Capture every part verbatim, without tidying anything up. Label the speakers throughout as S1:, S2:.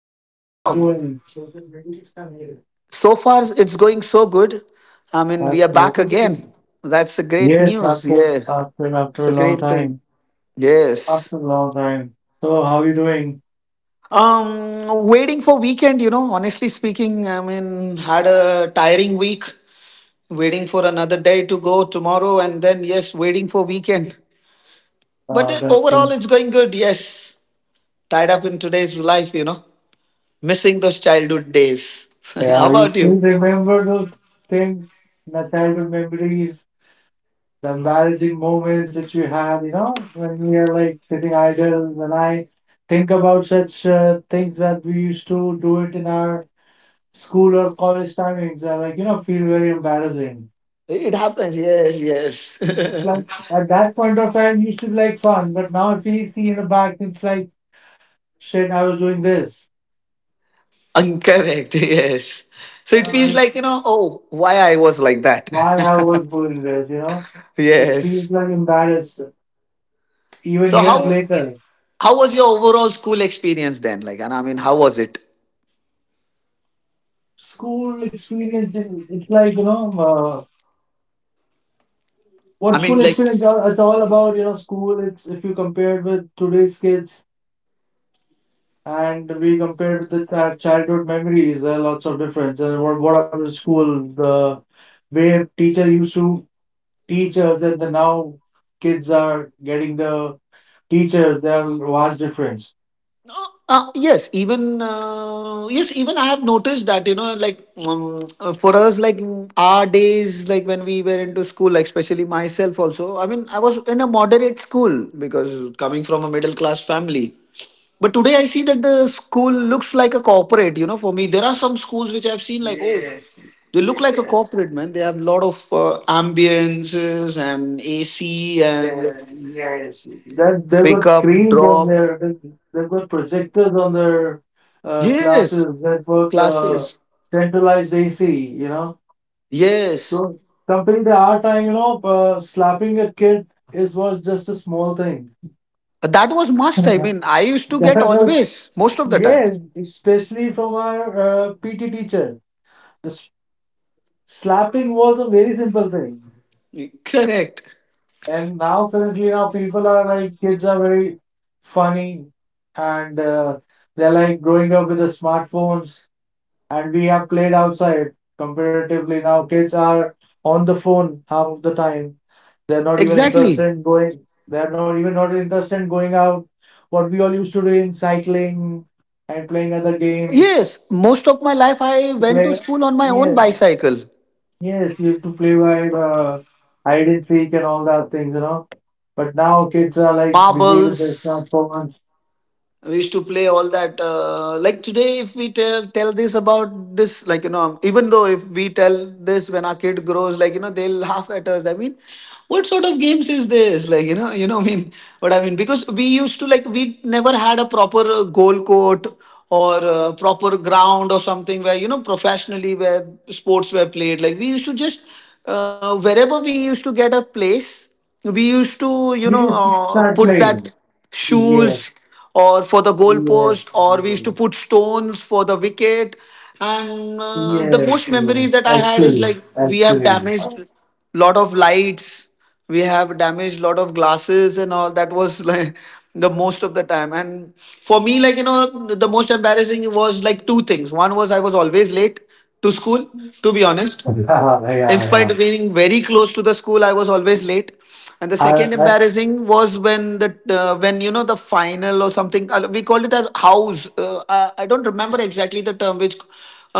S1: How
S2: oh,
S1: are you
S2: wow.
S1: doing? That's
S2: So far, it's going so good. I mean, we
S1: good.
S2: are back again. That's a great
S1: Yes,
S2: news.
S1: after
S2: Yes.
S1: after
S2: It's
S1: after
S2: a
S1: a long
S2: great thing.
S1: time.
S2: Yes.
S1: After a long time. So how you doing?
S2: Um, waiting for weekend, you know, honestly speaking, I mean, had a tiring week, waiting for another day to go tomorrow, and then, yes, waiting for weekend. But
S1: Uh,
S2: uh,
S1: that's
S2: overall,
S1: good.
S2: it's going good, yes. Tied up in today's life, you know, missing those childhood days. How
S1: Yeah, you
S2: about
S1: still
S2: you?
S1: remember those things, the childhood memories. The embarrassing moments that you have, you know, when we are like sitting idle. When I think about such uh, things that we used to do it in our school or college timings, I like, you know, feel very embarrassing.
S2: It happens, yes, yes.
S1: It's like at that point of time, it used to be like fun, but now if we see in the back, it's like, shit, I was doing this.
S2: Incorrect, yes. So
S1: You
S2: it
S1: know,
S2: feels
S1: like,
S2: like, you know, oh, why I was like that.
S1: why I was doing this, you know? It feels
S2: Yes.
S1: like embarrassed even
S2: So
S1: years
S2: how?
S1: later.
S2: How was your overall school experience then? Like, and I mean, how was it?
S1: School experience, it- it's like, you know, uh,
S2: I
S1: what
S2: mean,
S1: school
S2: like,
S1: experience are- it's all about, you know, school it's if you compare it with today's kids and we compare it with the childhood memories. There are lots of difference, and what what happened to school, the way teacher used to teach us, and the now kids are getting the teachers, there are vast difference.
S2: uh, uh, yes, even uh, yes, even I have noticed that, you know, like, um, uh, for us, like mm, our days, like when we were into school, like especially myself also. I mean, I was in a moderate school because coming from a middle class family. But today I see that the school looks like a corporate. You know, for me, there are some schools which I've seen like, oh.
S1: Yes.
S2: They look like a
S1: Yeah.
S2: corporate man. They have a lot of uh, ambiences and A C
S1: Yeah,
S2: and
S1: yes. That they've got
S2: pick up,
S1: screens on
S2: drop.
S1: their, they- they've got projectors on their uh,
S2: Yes,
S1: classes. They've got uh,
S2: classes.
S1: centralized A C. You know,
S2: Yes,
S1: so compared to our time, you know, uh, slapping a kid is was just a small thing.
S2: that was must. I mean, I used to get
S1: That was
S2: always most of the time.
S1: yes, especially from our uh, P T teacher. The s- Slapping was a very simple thing.
S2: Correct.
S1: And now currently now people are like kids are very funny, and uh, they're like growing up with the smartphones, and we have played outside. Comparatively now kids are on the phone half of the time. They're not even
S2: Exactly.
S1: interested in going they're not even not interested in going out. What we all used to do in cycling and playing other games.
S2: Yes, most of my life I went to
S1: Play,
S2: school on my own
S1: yeah,
S2: bicycle,
S1: yes, you have to play by uh, hide and seek and all that things, you know. But now kids are like busy with
S2: marbles.
S1: their smartphones.
S2: We used to play all that uh, like today if we tell tell this about this, like, you know, even though if we tell this when our kid grows, like, you know, they'll laugh at us. I mean, what sort of games is this, like, you know, you know, I mean, what I mean, because we used to like, we never had a proper uh, goal court or uh, proper ground or something where, you know, professionally, where sports were played. Like, we used to just uh, wherever we used to get a place, we used to, you know,
S1: We used to
S2: uh,
S1: start
S2: put that
S1: playing.
S2: shoes
S1: Yes,
S2: or for the
S1: yes,
S2: goalpost, or we used
S1: yes,
S2: to put stones for the wicket. And uh, the
S1: yes,
S2: most
S1: yes.
S2: memories that I had is
S1: Actually,
S2: like we have
S1: actually.
S2: damaged lot of lights, we have damaged lot of glasses and all. That was like the most of the time. And for me, like, you know, the most embarrassing was like two things. One was I was always late to school, to be honest,
S1: Yeah,
S2: in
S1: yeah,
S2: spite
S1: yeah.
S2: of being very close to the school I was always late, and the
S1: I,
S2: second
S1: I,
S2: embarrassing was when the uh, when, you know, the final or something, uh, we called it as house, uh, i I don't remember exactly the term which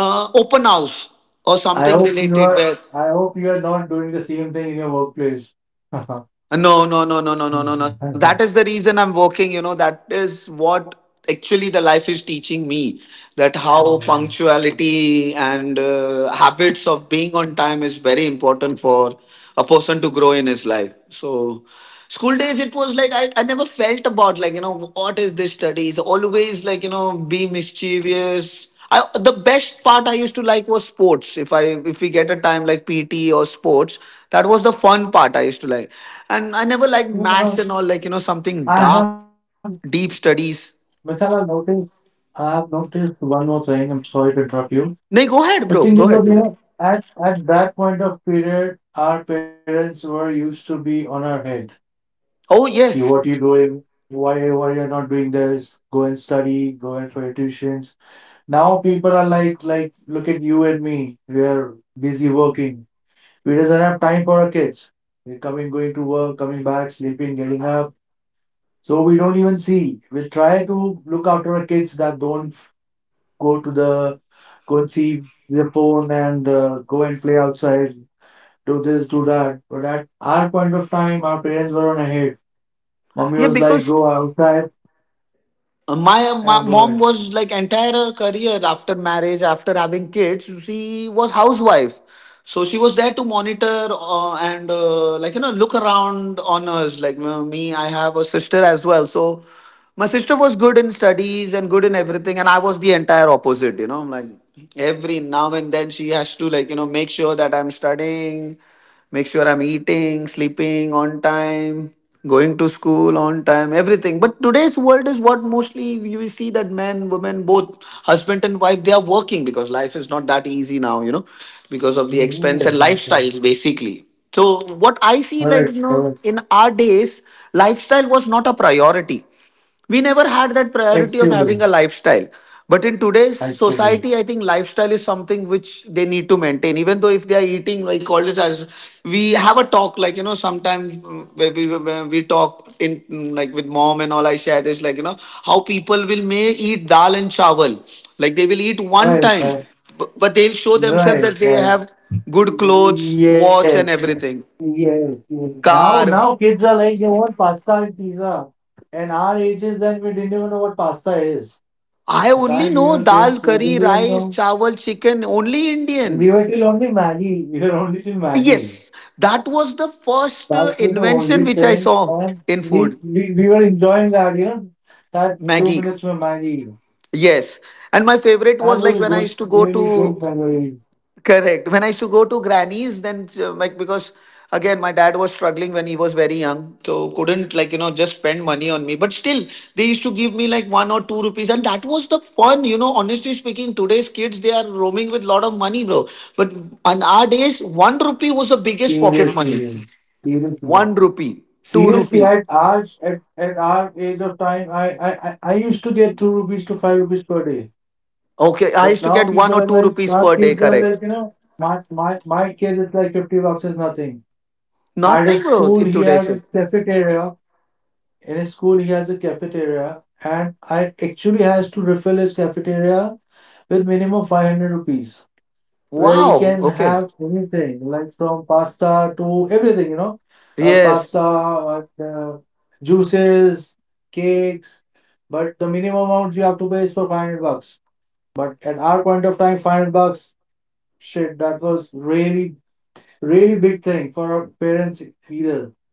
S2: uh, open house or
S1: I
S2: something
S1: hope you
S2: related
S1: are.
S2: where.
S1: I hope you are not doing the same thing in your workplace.
S2: No, no, no, no, no, no, no, no. That is the reason I'm working. You know, that is what actually the life is teaching me, that how punctuality and uh, habits of being on time is very important for a person to grow in his life. So, school days, it was like I, I never felt about like, you know, what is this studies? Always like, you know, be mischievous. I, the best part I used to like was sports. If I if we get a time like P T or sports, that was the fun part I used to like. And I never liked maths and all, like, you know, something
S1: I
S2: dark,
S1: have,
S2: deep studies.
S1: Michelle, noticed I've noticed one more thing. I'm sorry to interrupt you.
S2: No, go
S1: The
S2: ahead,
S1: thing
S2: bro.
S1: is
S2: Go
S1: that, you
S2: ahead, do
S1: know,
S2: that.
S1: at, at that point of period, our parents were used to be on our head.
S2: Oh
S1: You, what
S2: yes,
S1: you doing? Why, why you're not doing this? Go and study. Go and for tuitions. Now people are like, like, look at you and me. We are busy working. We doesn't have time for our kids. We're coming, going to work, coming back, sleeping, getting up. So we don't even see. We try to look after our kids that don't go to the go and see their phone, and uh, go and play outside, do this, do that. But at our point of time, our parents were on ahead. Mommy
S2: yeah.
S1: was like,
S2: Because
S1: go outside
S2: Uh, My, uh,
S1: and go
S2: my
S1: in.
S2: mom was like entire her career after marriage, after having kids, she was housewife. So she was there to monitor uh, and uh, like, you know, look around on us. Like uh, me, I have a sister as well. So my sister was good in studies and good in everything, and I was the entire opposite. You know, like every now and then she has to, like, you know, make sure that I'm studying, make sure I'm eating, sleeping on time, going to school on time, everything. But today's world is what mostly you will see, that men, women, both husband and wife, they are working because life is not that easy now, you know, because of the expense and
S1: Yes, that's all.
S2: lifestyles basically. So what I see,
S1: All
S2: like, you
S1: right,
S2: know,
S1: Thomas.
S2: in our days, lifestyle was not a priority. We never had that priority of having a
S1: Actually,
S2: lifestyle, but in today's society
S1: actually.
S2: I think lifestyle is something which they need to maintain, even though if they are eating like all it as, we have a talk, like, you know, sometimes mm, where we, where we talk in mm, like with mom and all. I share this, like, you know, how people will may eat dal and chawal, like they will eat one time,
S1: Right, right,
S2: but, but they'll show themselves that
S1: right,
S2: they have
S1: right.
S2: good clothes, watch
S1: Yes,
S2: and everything,
S1: yes, yes. Now,
S2: car.
S1: now kids are like, they want pasta and pizza. And our ages, then we didn't even know what pasta is.
S2: I
S1: The
S2: only
S1: time we
S2: know
S1: were
S2: dal,
S1: kids, we
S2: curry,
S1: didn't even
S2: rice,
S1: know
S2: chawal, chicken, only Indian.
S1: We were till only Maggie. We were only till Maggie.
S2: Yes, that was the first uh,
S1: That was the
S2: invention
S1: only
S2: which I
S1: thing.
S2: saw
S1: And
S2: in
S1: we,
S2: food.
S1: we, we were enjoying that, you know, that two
S2: Maggie.
S1: minutes for Maggie.
S2: Yes. And my favorite
S1: That
S2: was like
S1: was a
S2: when I
S1: good,
S2: used to go
S1: really good
S2: to.
S1: memory.
S2: Correct. When I used to go to grannies, then uh, like, because again my dad was struggling when he was very young, so couldn't, like, you know, just spend money on me. But still, they used to give me like one or two rupees, and that was the fun. You know, honestly speaking, today's kids they are roaming with lot of money, bro. But on our days, one rupee was the biggest pocket money.
S1: Seriously, seriously.
S2: One rupee, two
S1: Seriously,
S2: rupee.
S1: at our, at, at our age of time, I, I, I I used to get two rupees to five rupees per day.
S2: Okay, I
S1: But
S2: used to
S1: now
S2: get one
S1: people
S2: or
S1: are
S2: two
S1: like,
S2: rupees
S1: our
S2: per day.
S1: kids are
S2: Correct.
S1: like, you know, my, my, my kid is like fifty bucks is nothing. At
S2: Nothing,
S1: his
S2: bro.
S1: school,
S2: In
S1: he has
S2: today's.
S1: a cafeteria In his school, he has a cafeteria, and I actually has to refill his cafeteria with minimum five hundred rupees, where he
S2: Wow.
S1: can
S2: Okay.
S1: have anything like from pasta to everything, you know, uh,
S2: Yes.
S1: pasta, uh, juices, cakes. But the minimum amount you have to pay is for five hundred bucks. But at our point of time, five hundred bucks, shit, that was really, really big thing for our parents either.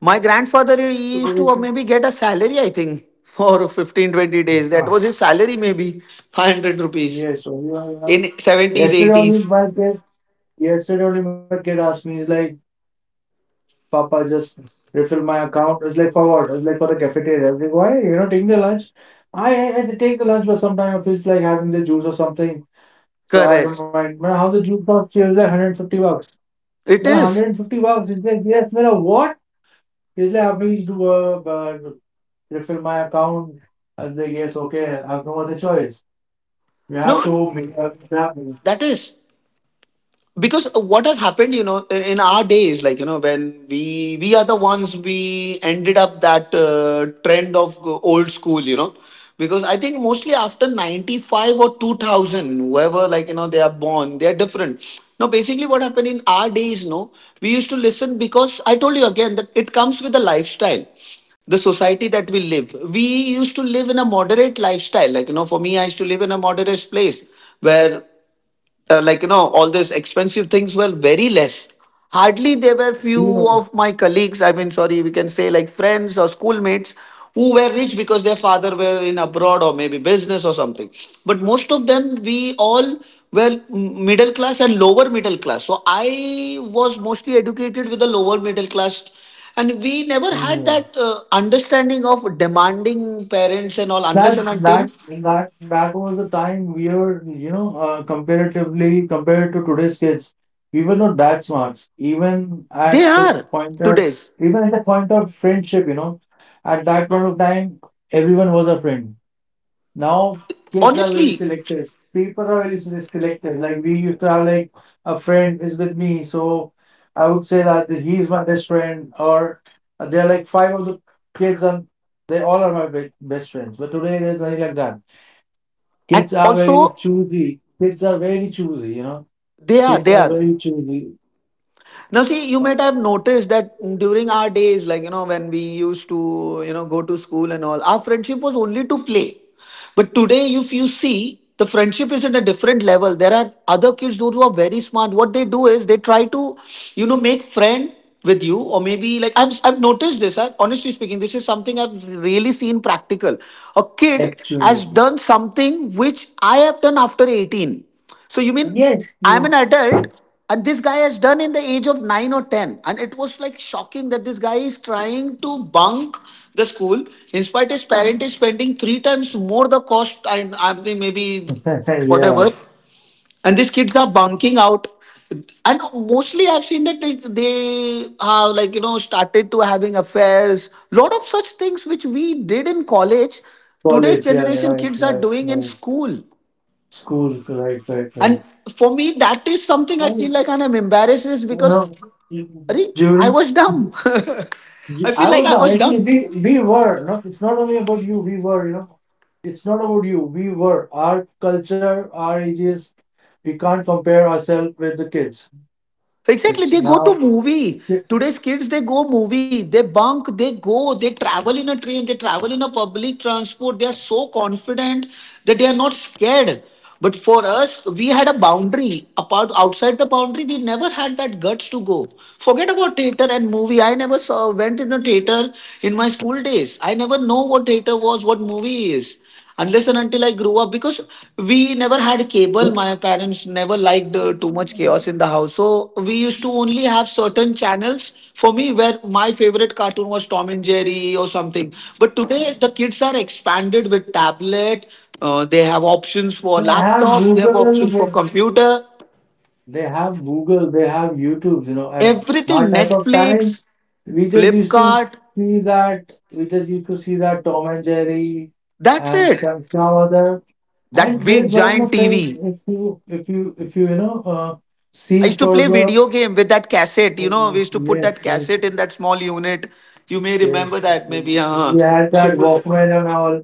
S2: My grandfather he used to uh, maybe get a salary, I think, for fifteen, twenty days. That
S1: So,
S2: was his salary, maybe five hundred rupees
S1: yes, so you are.
S2: in seventies,
S1: Yesterday only
S2: eighties.
S1: my kid, yesterday only my kid asked me, he's like, Papa, just refill my account. I was like, for what? I was like, for the cafeteria. I was like, why? You're not taking the lunch? I, I, I take the lunch, but sometimes I feel like having the juice or something. So I
S2: Correct.
S1: don't mind. Man, how the juice cost? She was like one hundred fifty bucks.
S2: It
S1: Man,
S2: is.
S1: one hundred fifty bucks. He's like, yes, man, what? He's like, "Ah, please do uh, uh, refill my account. I was like, yes, okay. I have no other choice. We have
S2: No,
S1: to make uh, it happen.
S2: that is. Because what has happened, you know, in our days, like, you know, when we we are the ones, we ended up that uh, trend of old school, you know, because I think mostly after ninety-five or two thousand, whoever, like, you know, they are born, they are different now. Basically what happened in our days, no, we used to listen, because I told you again that it comes with the lifestyle, the society that we live. We used to live in a moderate lifestyle. Like, you know, for me, I used to live in a moderate place where uh, like, you know, all these expensive things were very less. Hardly there were few
S1: You
S2: of my colleagues, I mean sorry, we can say like friends or schoolmates who were rich because their father were in abroad or maybe business or something, but most of them we all were m- middle class and lower middle class, so I was mostly educated with the lower middle class, and we never had
S1: know.
S2: that uh, understanding of demanding parents and all, unless
S1: That
S2: and until
S1: that that that was the time we were, you know, uh, comparatively compared to today's kids, we were not that smart. Even
S2: they
S1: at the
S2: are.
S1: point of,
S2: Today's
S1: even at the point of friendship, you know, at that point of time, everyone was a friend. Now kids are very
S2: honestly.
S1: selective. People are very se- selective. Like we used to have like a friend is with me, so I would say that he is my best friend, or there are like five of the kids and they all are my be- best friends. But today there's nothing like that.
S2: And
S1: Kids are very
S2: also
S1: choosy. Kids are very choosy, you know.
S2: they are
S1: Kids
S2: they
S1: are
S2: are.
S1: very choosy.
S2: Now see, you might have noticed that during our days, like, you know, when we used to, you know, go to school and all, our friendship was only to play, but today if you see, the friendship is at a different level. There are other kids those who are very smart, what they do is they try to, you know, make friend with you, or maybe like i've, I've noticed this. I, honestly speaking, this is something I've really seen practical. A kid has
S1: Actually.
S2: done something which I have done after eighteen. So you mean
S1: Yes,
S2: I'm
S1: yes.
S2: an adult, and this guy has done in the age of nine or ten, and it was like shocking that this guy is trying to bunk the school. In spite, his parent is spending three times more the cost. I, I think, maybe
S1: Yeah.
S2: whatever, and these kids are bunking out. And mostly, I've seen that they, they have, like, you know, started to having affairs. Lot of such things which we did in college. Today's
S1: College, yeah,
S2: generation
S1: right,
S2: kids are
S1: right,
S2: doing in
S1: right.
S2: school.
S1: School, right, right, right.
S2: And for me, that is something I feel like and I'm embarrassed is because.
S1: No,
S2: Arey, I
S1: during
S2: was dumb. I feel
S1: I
S2: like
S1: was
S2: I
S1: the
S2: was
S1: I
S2: dumb.
S1: think we we were not. It's not only about you. We were, you know. It's not about you. We were. Our culture, our ages. We can't compare ourselves with the kids.
S2: Exactly,
S1: It's
S2: they go
S1: now.
S2: to movie.
S1: They
S2: Today's kids, they go movie, they bunk, they go, they travel in a train, they travel in a public transport. They are so confident that they are not scared. But for us, we had a boundary. Apart outside the boundary, we never had that guts to go. Forget about theater and movie. I never saw went in a theater in my school days. I never know what theater was, what movie is, unless and until I grew up, because we never had cable. My parents never liked uh, too much chaos in the house. So we used to only have certain channels for me, where my favorite cartoon was Tom and Jerry or something. But today the kids are expanded with tablet. Uh, they have options for
S1: have
S2: laptop. They have
S1: Google.
S2: options
S1: They
S2: for computer.
S1: They have Google, they have YouTube, you know, and
S2: Everything
S1: our type of time,
S2: Netflix,
S1: we just used to
S2: Flipkart.
S1: see that, we just used to see that Tom and Jerry
S2: That's
S1: and
S2: it.
S1: some, some other.
S2: That
S1: And there's
S2: big
S1: one
S2: giant
S1: more thing,
S2: T V.
S1: if you, if you, if you, you know, uh,
S2: I
S1: see
S2: used to play
S1: further,
S2: video game with that cassette. You
S1: oh,
S2: know, we used to put
S1: yes,
S2: that
S1: yes,
S2: cassette in that small unit. You may
S1: yes.
S2: remember that, maybe. Uh,
S1: We had
S2: used to
S1: that
S2: put
S1: Walkman and all.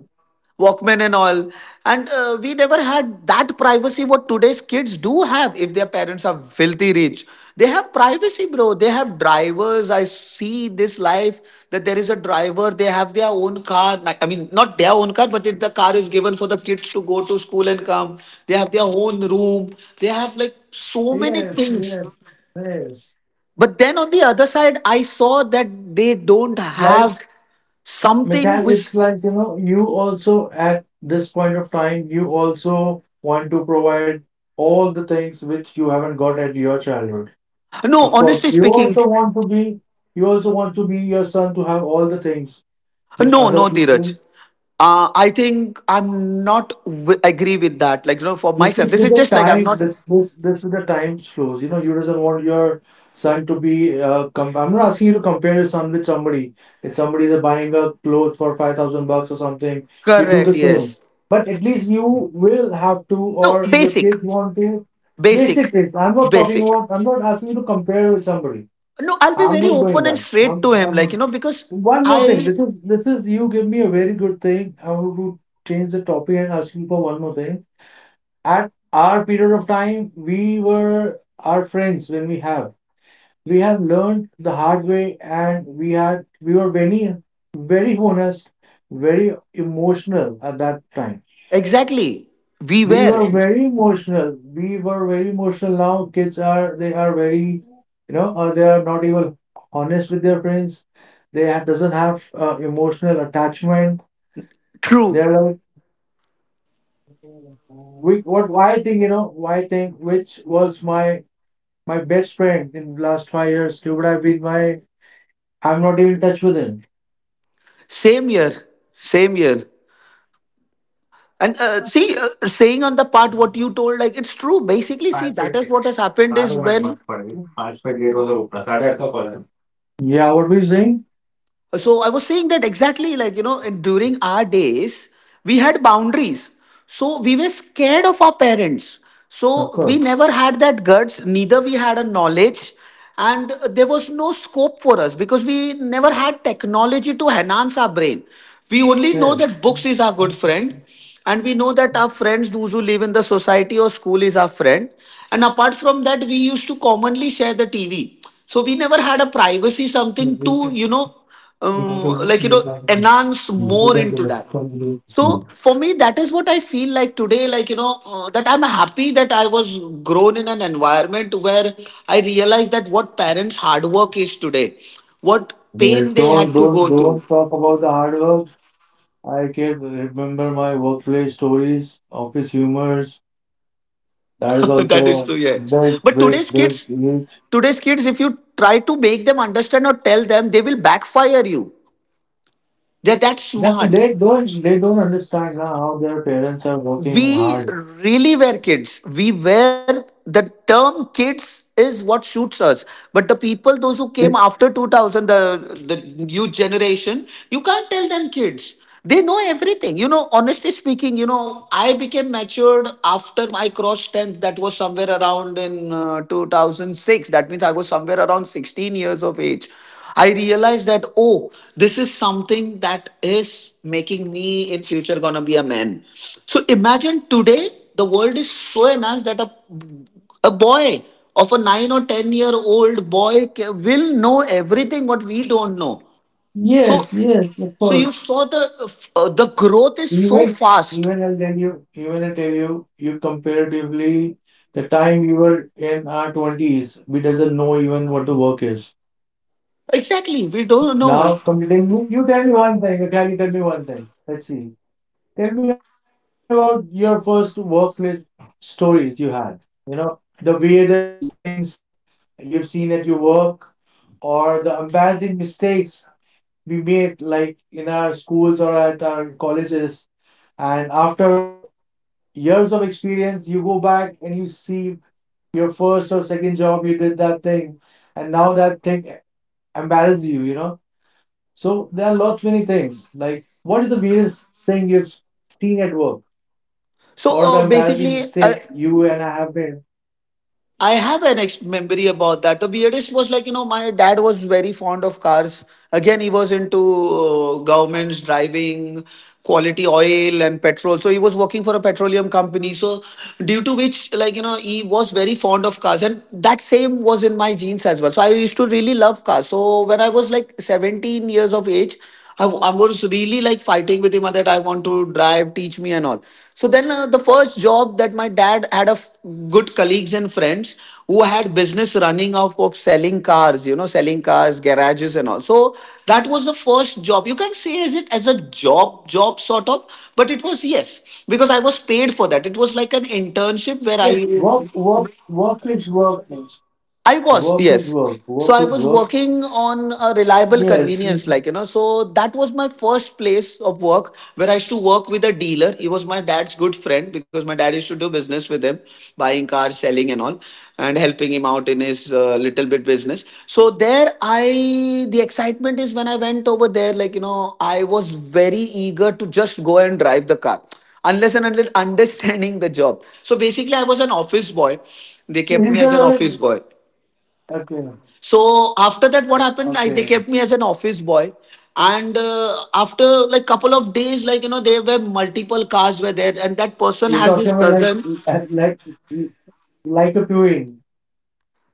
S2: Walkman and all. And uh, we never had that privacy what today's kids do have if their parents are filthy rich. They have privacy, bro. They have drivers. I see this life that there is a driver. They have their own car. Like, I mean, not their own car, but it, the car is given for the kids to go to school and come. They have their own room. They have like so many
S1: Yes,
S2: things,
S1: yes, yes.
S2: but then on the other side, I saw that they don't
S1: Life
S2: have something
S1: because
S2: which.
S1: it's like, you know, you also at this point of time, you also want to provide all the things which you haven't got at your childhood.
S2: No,
S1: Of course,
S2: honestly
S1: you
S2: speaking,
S1: also want to be, you also want to be your son to have all the things which
S2: no,
S1: other
S2: no, Dheeraj.
S1: people.
S2: Uh, I think I'm not w- agree with that. Like you know, for
S1: This
S2: myself,
S1: is
S2: this
S1: with
S2: is
S1: the
S2: just like I'm
S1: time.
S2: not
S1: This this this is the time flows. You know, you doesn't want your son to be. Uh, com- I'm not asking you to compare your son with somebody. If somebody is buying a clothes for five thousand bucks or something, you do the
S2: correct.
S1: same.
S2: Yes.
S1: But at least you will have to, or
S2: No,
S1: your
S2: basic,
S1: kids want to.
S2: basic,
S1: Basic things. I'm not talking
S2: basic.
S1: about. I'm not asking you to compare with somebody.
S2: No, I'll be
S1: I'm
S2: very
S1: not doing
S2: open and
S1: that. I'm.
S2: straight to him. Like you
S1: I'm.
S2: know, because
S1: One more thing.
S2: I
S1: This is this is you give me a very good thing. I want to change the topic and ask you for one more thing. At our period of time, we were our friends when we have we have learned the hard way, and we had we were very, very honest, very emotional at that time.
S2: exactly we
S1: We were
S2: were
S1: very emotional. We were very emotional. Now kids are, they are very, you know, uh, they are not even honest with their friends. They ha- doesn't have uh, emotional attachment.
S2: true
S1: They're like, we what why think you know why I think which was my my best friend in the last five years. He would have been my. I'm not even in touch with him.
S2: same year, same year. And uh, see, uh, saying on the part what you told, like it's true. Basically,
S1: I
S2: see, that is what has happened is
S1: don't much
S2: when
S1: for him. I don't. Yeah, what we saying?
S2: so I was saying that exactly, like, you know, and during our days, we had boundaries. So we were scared of our parents.
S1: Of
S2: So we
S1: course.
S2: never had that guts, neither we had a knowledge. And there was no scope for us because we never had technology to enhance our brain. We only know
S1: Yeah.
S2: that books is our good friend. And we know that our friends, those who live in the society or school, is our friend. And apart from that, we used to commonly share the T V. So we never had a privacy, something to,
S1: Yes,
S2: you know, um, like you know enhance more into that. So for me, that is what I feel like today, like you know uh, that I'm happy that I was grown in an environment where I realized that what parents hard work is today, what
S1: Don't
S2: pain they had to
S1: don't
S2: go through.
S1: don't talk about the hard work. I can remember my workplace stories, office humors. That is
S2: That is true,
S1: also
S2: yeah.
S1: big
S2: But today's
S1: big
S2: kids
S1: big huge.
S2: today's kids if you try to make them understand or tell them, they will backfire you. They're that
S1: That
S2: smart.
S1: they don't they don't understand now how their parents are working
S2: We
S1: hard.
S2: really were kids. We were, the term kids is what shoots us. But the people those who came
S1: They,
S2: after two thousand, the the new generation you can't tell them kids. They know everything. You know, honestly speaking, you know, I became matured after my cross tenth. That was somewhere around in uh, two thousand six. That means I was somewhere around sixteen years of age. I realized that, oh, this is something that is making me in future gonna be a man. So imagine today the world is so enhanced that a, a boy of a nine or ten year old boy ca- will know everything what we don't know. So
S1: yes, yes, of
S2: so you
S1: course.
S2: saw the uh, the growth is so
S1: Even
S2: fast.
S1: even I'll tell you even I tell you you comparatively the time you were in our twenties, we doesn't know even what the work is.
S2: Exactly, we don't
S1: Now
S2: know.
S1: completing you, you tell me one thing, okay, you tell me one thing. Let's see. Tell me about your first workplace stories you had. You know, the weirdest things you've seen at your work or the embarrassing mistakes we made like in our schools or at our colleges. And after uh, years of experience, you go back and you see your first or second job, you did that thing, and now that thing embarrasses you, you know. So there are lots many things. Like, what is the weirdest thing you've seen at work,
S2: So
S1: or the
S2: uh,
S1: embarrassing
S2: basically,
S1: mistake
S2: I,
S1: you and I have made?
S2: I have an ex- memory about that. The weirdest was, like, you know, my dad was very fond of cars. Again, he was into uh, governments, driving, quality oil, and petrol. So he was working for a petroleum company. So, due to which, like, you know, he was very fond of cars. And that same was in my genes as well. So I used to really love cars. So when I was like seventeen years of age, I I was really like fighting with him that I want to drive, teach me and all. So then uh, the first job that my dad had of good colleagues and friends who had business running off of selling cars, you know, selling cars, garages and all. So that was the first job. You can say as it as a job, job sort of, but it was yes, because I was paid for that. It was like an internship
S1: Yes,
S2: where
S1: work,
S2: I
S1: work, work is work. Means.
S2: I
S1: Work
S2: was,
S1: is
S2: yes.
S1: work. Work
S2: So I
S1: is
S2: was
S1: work.
S2: working on a reliable
S1: Yes.
S2: convenience, like, you know, so that was my first place of work where I used to work with a dealer. He was my dad's good friend because my dad used to do business with him, buying cars, selling, and all, and helping him out in his uh, little bit business. So there, I, the excitement is when I went over there, like, you know, I was very eager to just go and drive the car unless and unless understanding the job. So basically, I was an office boy. They
S1: So
S2: kept
S1: is
S2: me as an
S1: there a
S2: office boy.
S1: Okay.
S2: So after that, what happened? I They kept me
S1: Okay.
S2: as an office boy, and uh, after like couple of days, like you know, there were multiple cars were there, and that person has
S1: You're
S2: his
S1: talking about
S2: cousin
S1: like uh, like like a viewing,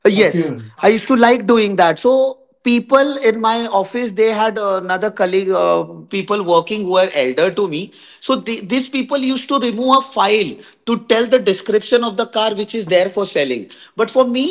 S2: Uh, yes,
S1: a
S2: I
S1: viewing.
S2: used to like doing that. So people in my office, they had another colleague, uh, people working who were elder to me. So the these people used to remove a file to tell the description of the car which is there for selling. But for me,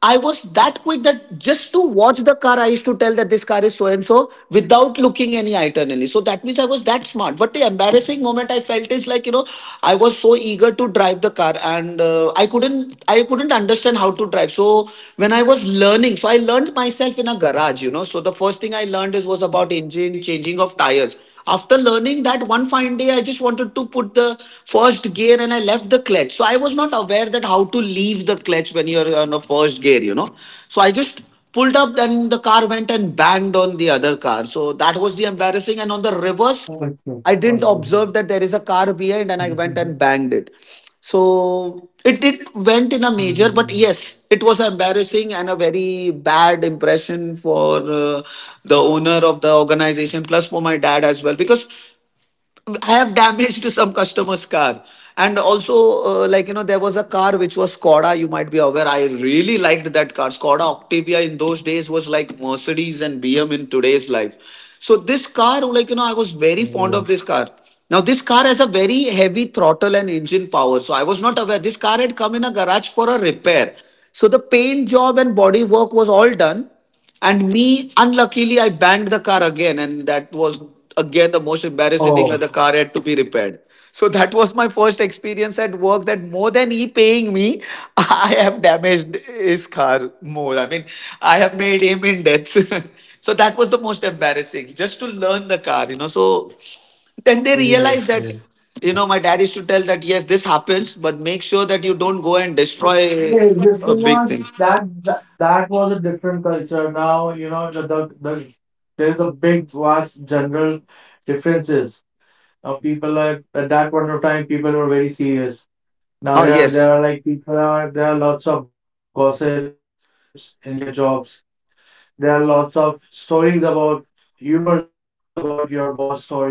S2: I was that quick that just to watch the car, I used to tell that this car is so and so without looking any itinerary. So that means I was that smart smart. But the embarrassing moment I felt is, like, you know, I was so eager to drive the car and uh, I couldn't I couldn't understand how to drive. So when I was learning, so I learned myself in a garage, you know. So the first thing I learned is was about engine changing of tires. After learning that, one fine day, I just wanted to put the first gear and I left the clutch. So I was not aware that how to leave the clutch when you're on a first gear, you know. So I just pulled up and the car went and banged on the other car. So that was the embarrassing. And on the reverse,
S1: Okay.
S2: I didn't observe that there is a car behind and I went and banged it. So it, it went in a major, but yes, it was embarrassing and a very bad impression for uh, the owner of the organization, plus for my dad as well. Because I have damaged some customers car and also uh, like you know there was a car which was Skoda, you might be aware, I really liked that car. Skoda Octavia in those days was like Mercedes and BM in today's life. So this car, like, you know, I was very fond of this car. Now this car has a very heavy throttle and engine power. So I was not aware this car had come in a garage for a repair. So the paint job and body work was all done, and me, unluckily, I banged the car again, and that was again the most embarrassing thing
S1: Oh
S2: where the car had to be repaired. So that was my first experience at work, that more than he paying me, I have damaged his car more. I mean, I have made him in debt. So that was the most embarrassing, just to learn the car, you know. So then they
S1: yes,
S2: realize
S1: yes.
S2: that you know my dad used to tell that yes this happens but make sure that you don't go and destroy
S1: Yeah, the
S2: a
S1: thing
S2: big
S1: was
S2: thing.
S1: that, that that was a different culture. Now you know the, the, the there's a big vast general differences. Now people, like at that point of time, people were very serious. Now
S2: Oh
S1: here there
S2: yes,
S1: are like people are there are lots of gossips in your jobs. There are lots of stories about humors about your boss stories,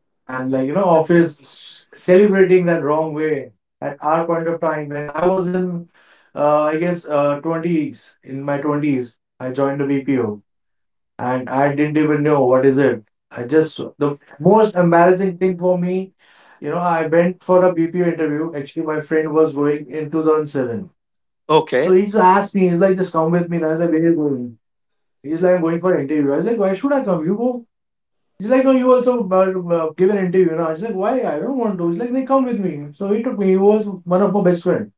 S1: and like you know office s- celebrating that wrong way. At our point of time, when I was in uh, I guess uh, twenties, in my twenties, I joined the B P O, and I didn't even know what is it. I just the most embarrassing thing for me, you know, I went for a B P O interview. Actually my friend was going in two thousand seven, so
S2: okay.
S1: he's asked me, he's like, just come with me. And I was like, where are you going? He's like, I'm going for an interview. I was like, why should I come? You go. He's like, no, you also uh, uh, give an interview. And I was like, why? I don't want to. He's like, they come with me. So he took me. He was one of my best friend.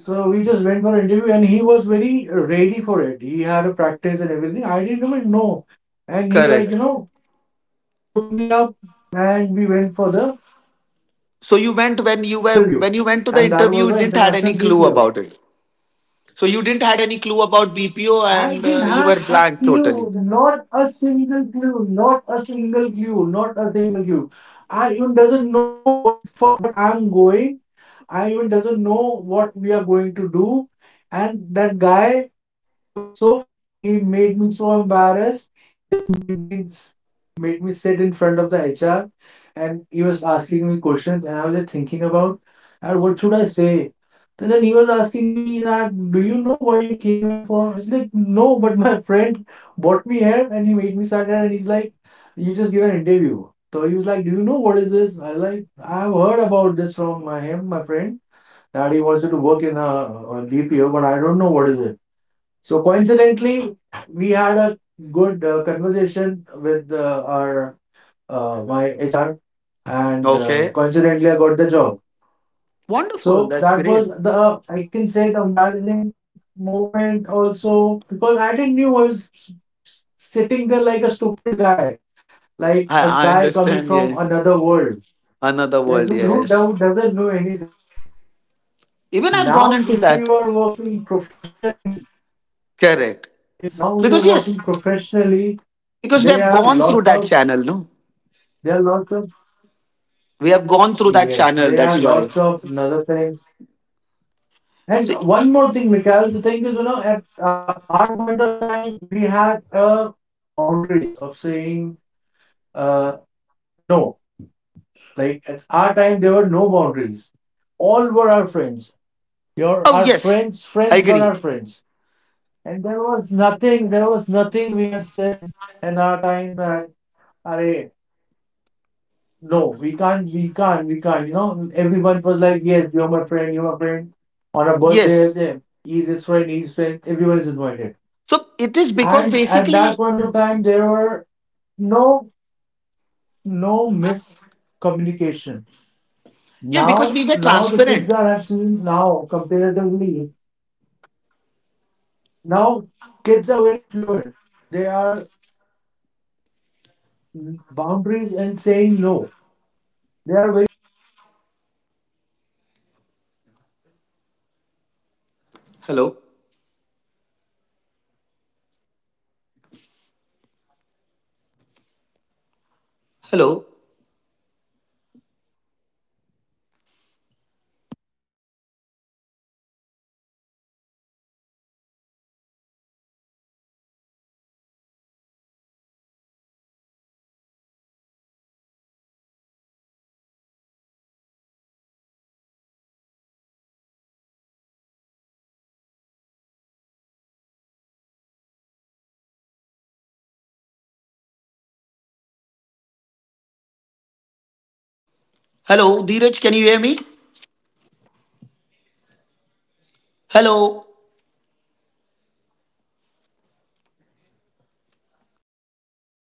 S1: So we just went for an interview, and he was very ready for it. He had a practice and everything. I didn't even know. And he, like, you
S2: Correct.
S1: know, took me up, and we went for the
S2: So you went, when you were,
S1: interview.
S2: when you went to the
S1: And that
S2: interview,
S1: was
S2: you
S1: an
S2: didn't had
S1: international
S2: any clue
S1: D P O.
S2: about it. So you didn't had any clue about B P O,
S1: I
S2: and
S1: didn't
S2: uh, you
S1: have
S2: were
S1: a
S2: blank totally.
S1: clue, not a single clue, not a single clue, not a single clue. I even doesn't know what for what I'm going. I even doesn't know what we are going to do. And that guy, he was so funny. He made me so embarrassed. He just made me made me sit in front of the H R, and he was asking me questions, and I was just thinking about, and what should I say? And then he was asking me that, do you know why you came here for? I was like, no, but my friend brought me here and he made me sit here, and he's like, you just give an interview. So he was like, do you know what is this? I was like, I've heard about this from my him, my friend, that he wants you to work in a, a D P O, but I don't know what is it. So coincidentally, we had a good uh, conversation with uh, our uh, my H R, and uh,
S2: Okay,
S1: coincidentally, I got the job.
S2: wonderful.
S1: So
S2: That's
S1: that
S2: great.
S1: was the uh, I can say the embarrassing moment also, because I didn't knew I was sitting there like a stupid guy, like a
S2: I I
S1: guy coming
S2: understand.
S1: from
S2: Yes,
S1: another world.
S2: another
S1: Like
S2: world.
S1: who, who
S2: Yes,
S1: do- doesn't know anything?
S2: even I've
S1: Now,
S2: gone
S1: if
S2: into
S1: you are
S2: that.
S1: working professionally,
S2: Correct.
S1: if now you're
S2: Because
S1: working
S2: yes,
S1: professionally,
S2: because we
S1: there are
S2: have gone
S1: lots
S2: through
S1: of
S2: that channel. No,
S1: there are lots of
S2: we have gone through that
S1: yes,
S2: channel.
S1: there are
S2: That's why.
S1: lots of another thing. And
S2: See.
S1: one more thing, Mikhail, the thing is, you know, at uh, our point of time, we had uh, boundaries of saying uh, no. Like at our time, there were no boundaries. All were our friends. Your
S2: Oh
S1: our
S2: yes,
S1: friends'
S2: I
S1: friends were
S2: agree.
S1: our friends. And there was nothing, there was nothing we have said in our time that, "Arey, no, we can't, we can't, we can't." You know, everyone was like, yes, you're my friend, you're my friend. On a birthday,
S2: Yes.
S1: as he's his friend, he's his friend, everyone is invited.
S2: So it is because
S1: And at
S2: basically,
S1: that point of time, there were no no miscommunication.
S2: yeah, because
S1: Now,
S2: we were
S1: now the kids
S2: transparent.
S1: are I've seen now comparatively now kids are very fluid. They are mm, boundaries and saying no. They are very upfront. They have
S2: Hello?
S1: not much friends, but the friends which they have, which they have a good understanding. There is no
S2: Hello?
S1: miscommunication and assumption as comparatively at our period of time, we had like we were not that mature. Now people, kids are that mature, they understand, right? Like losing a friend at that time was really a hard thing for us. And now outgoing them, we look after that and we're like, yeah, this would have been my friend. I lost the connection with him. Like, see, we are talking after a long time
S2: Hello, Dheeraj, can you hear me?
S1: and we are remembering things, how we were, things were going.
S2: Hello?
S1: Hello, Mikhail, you there?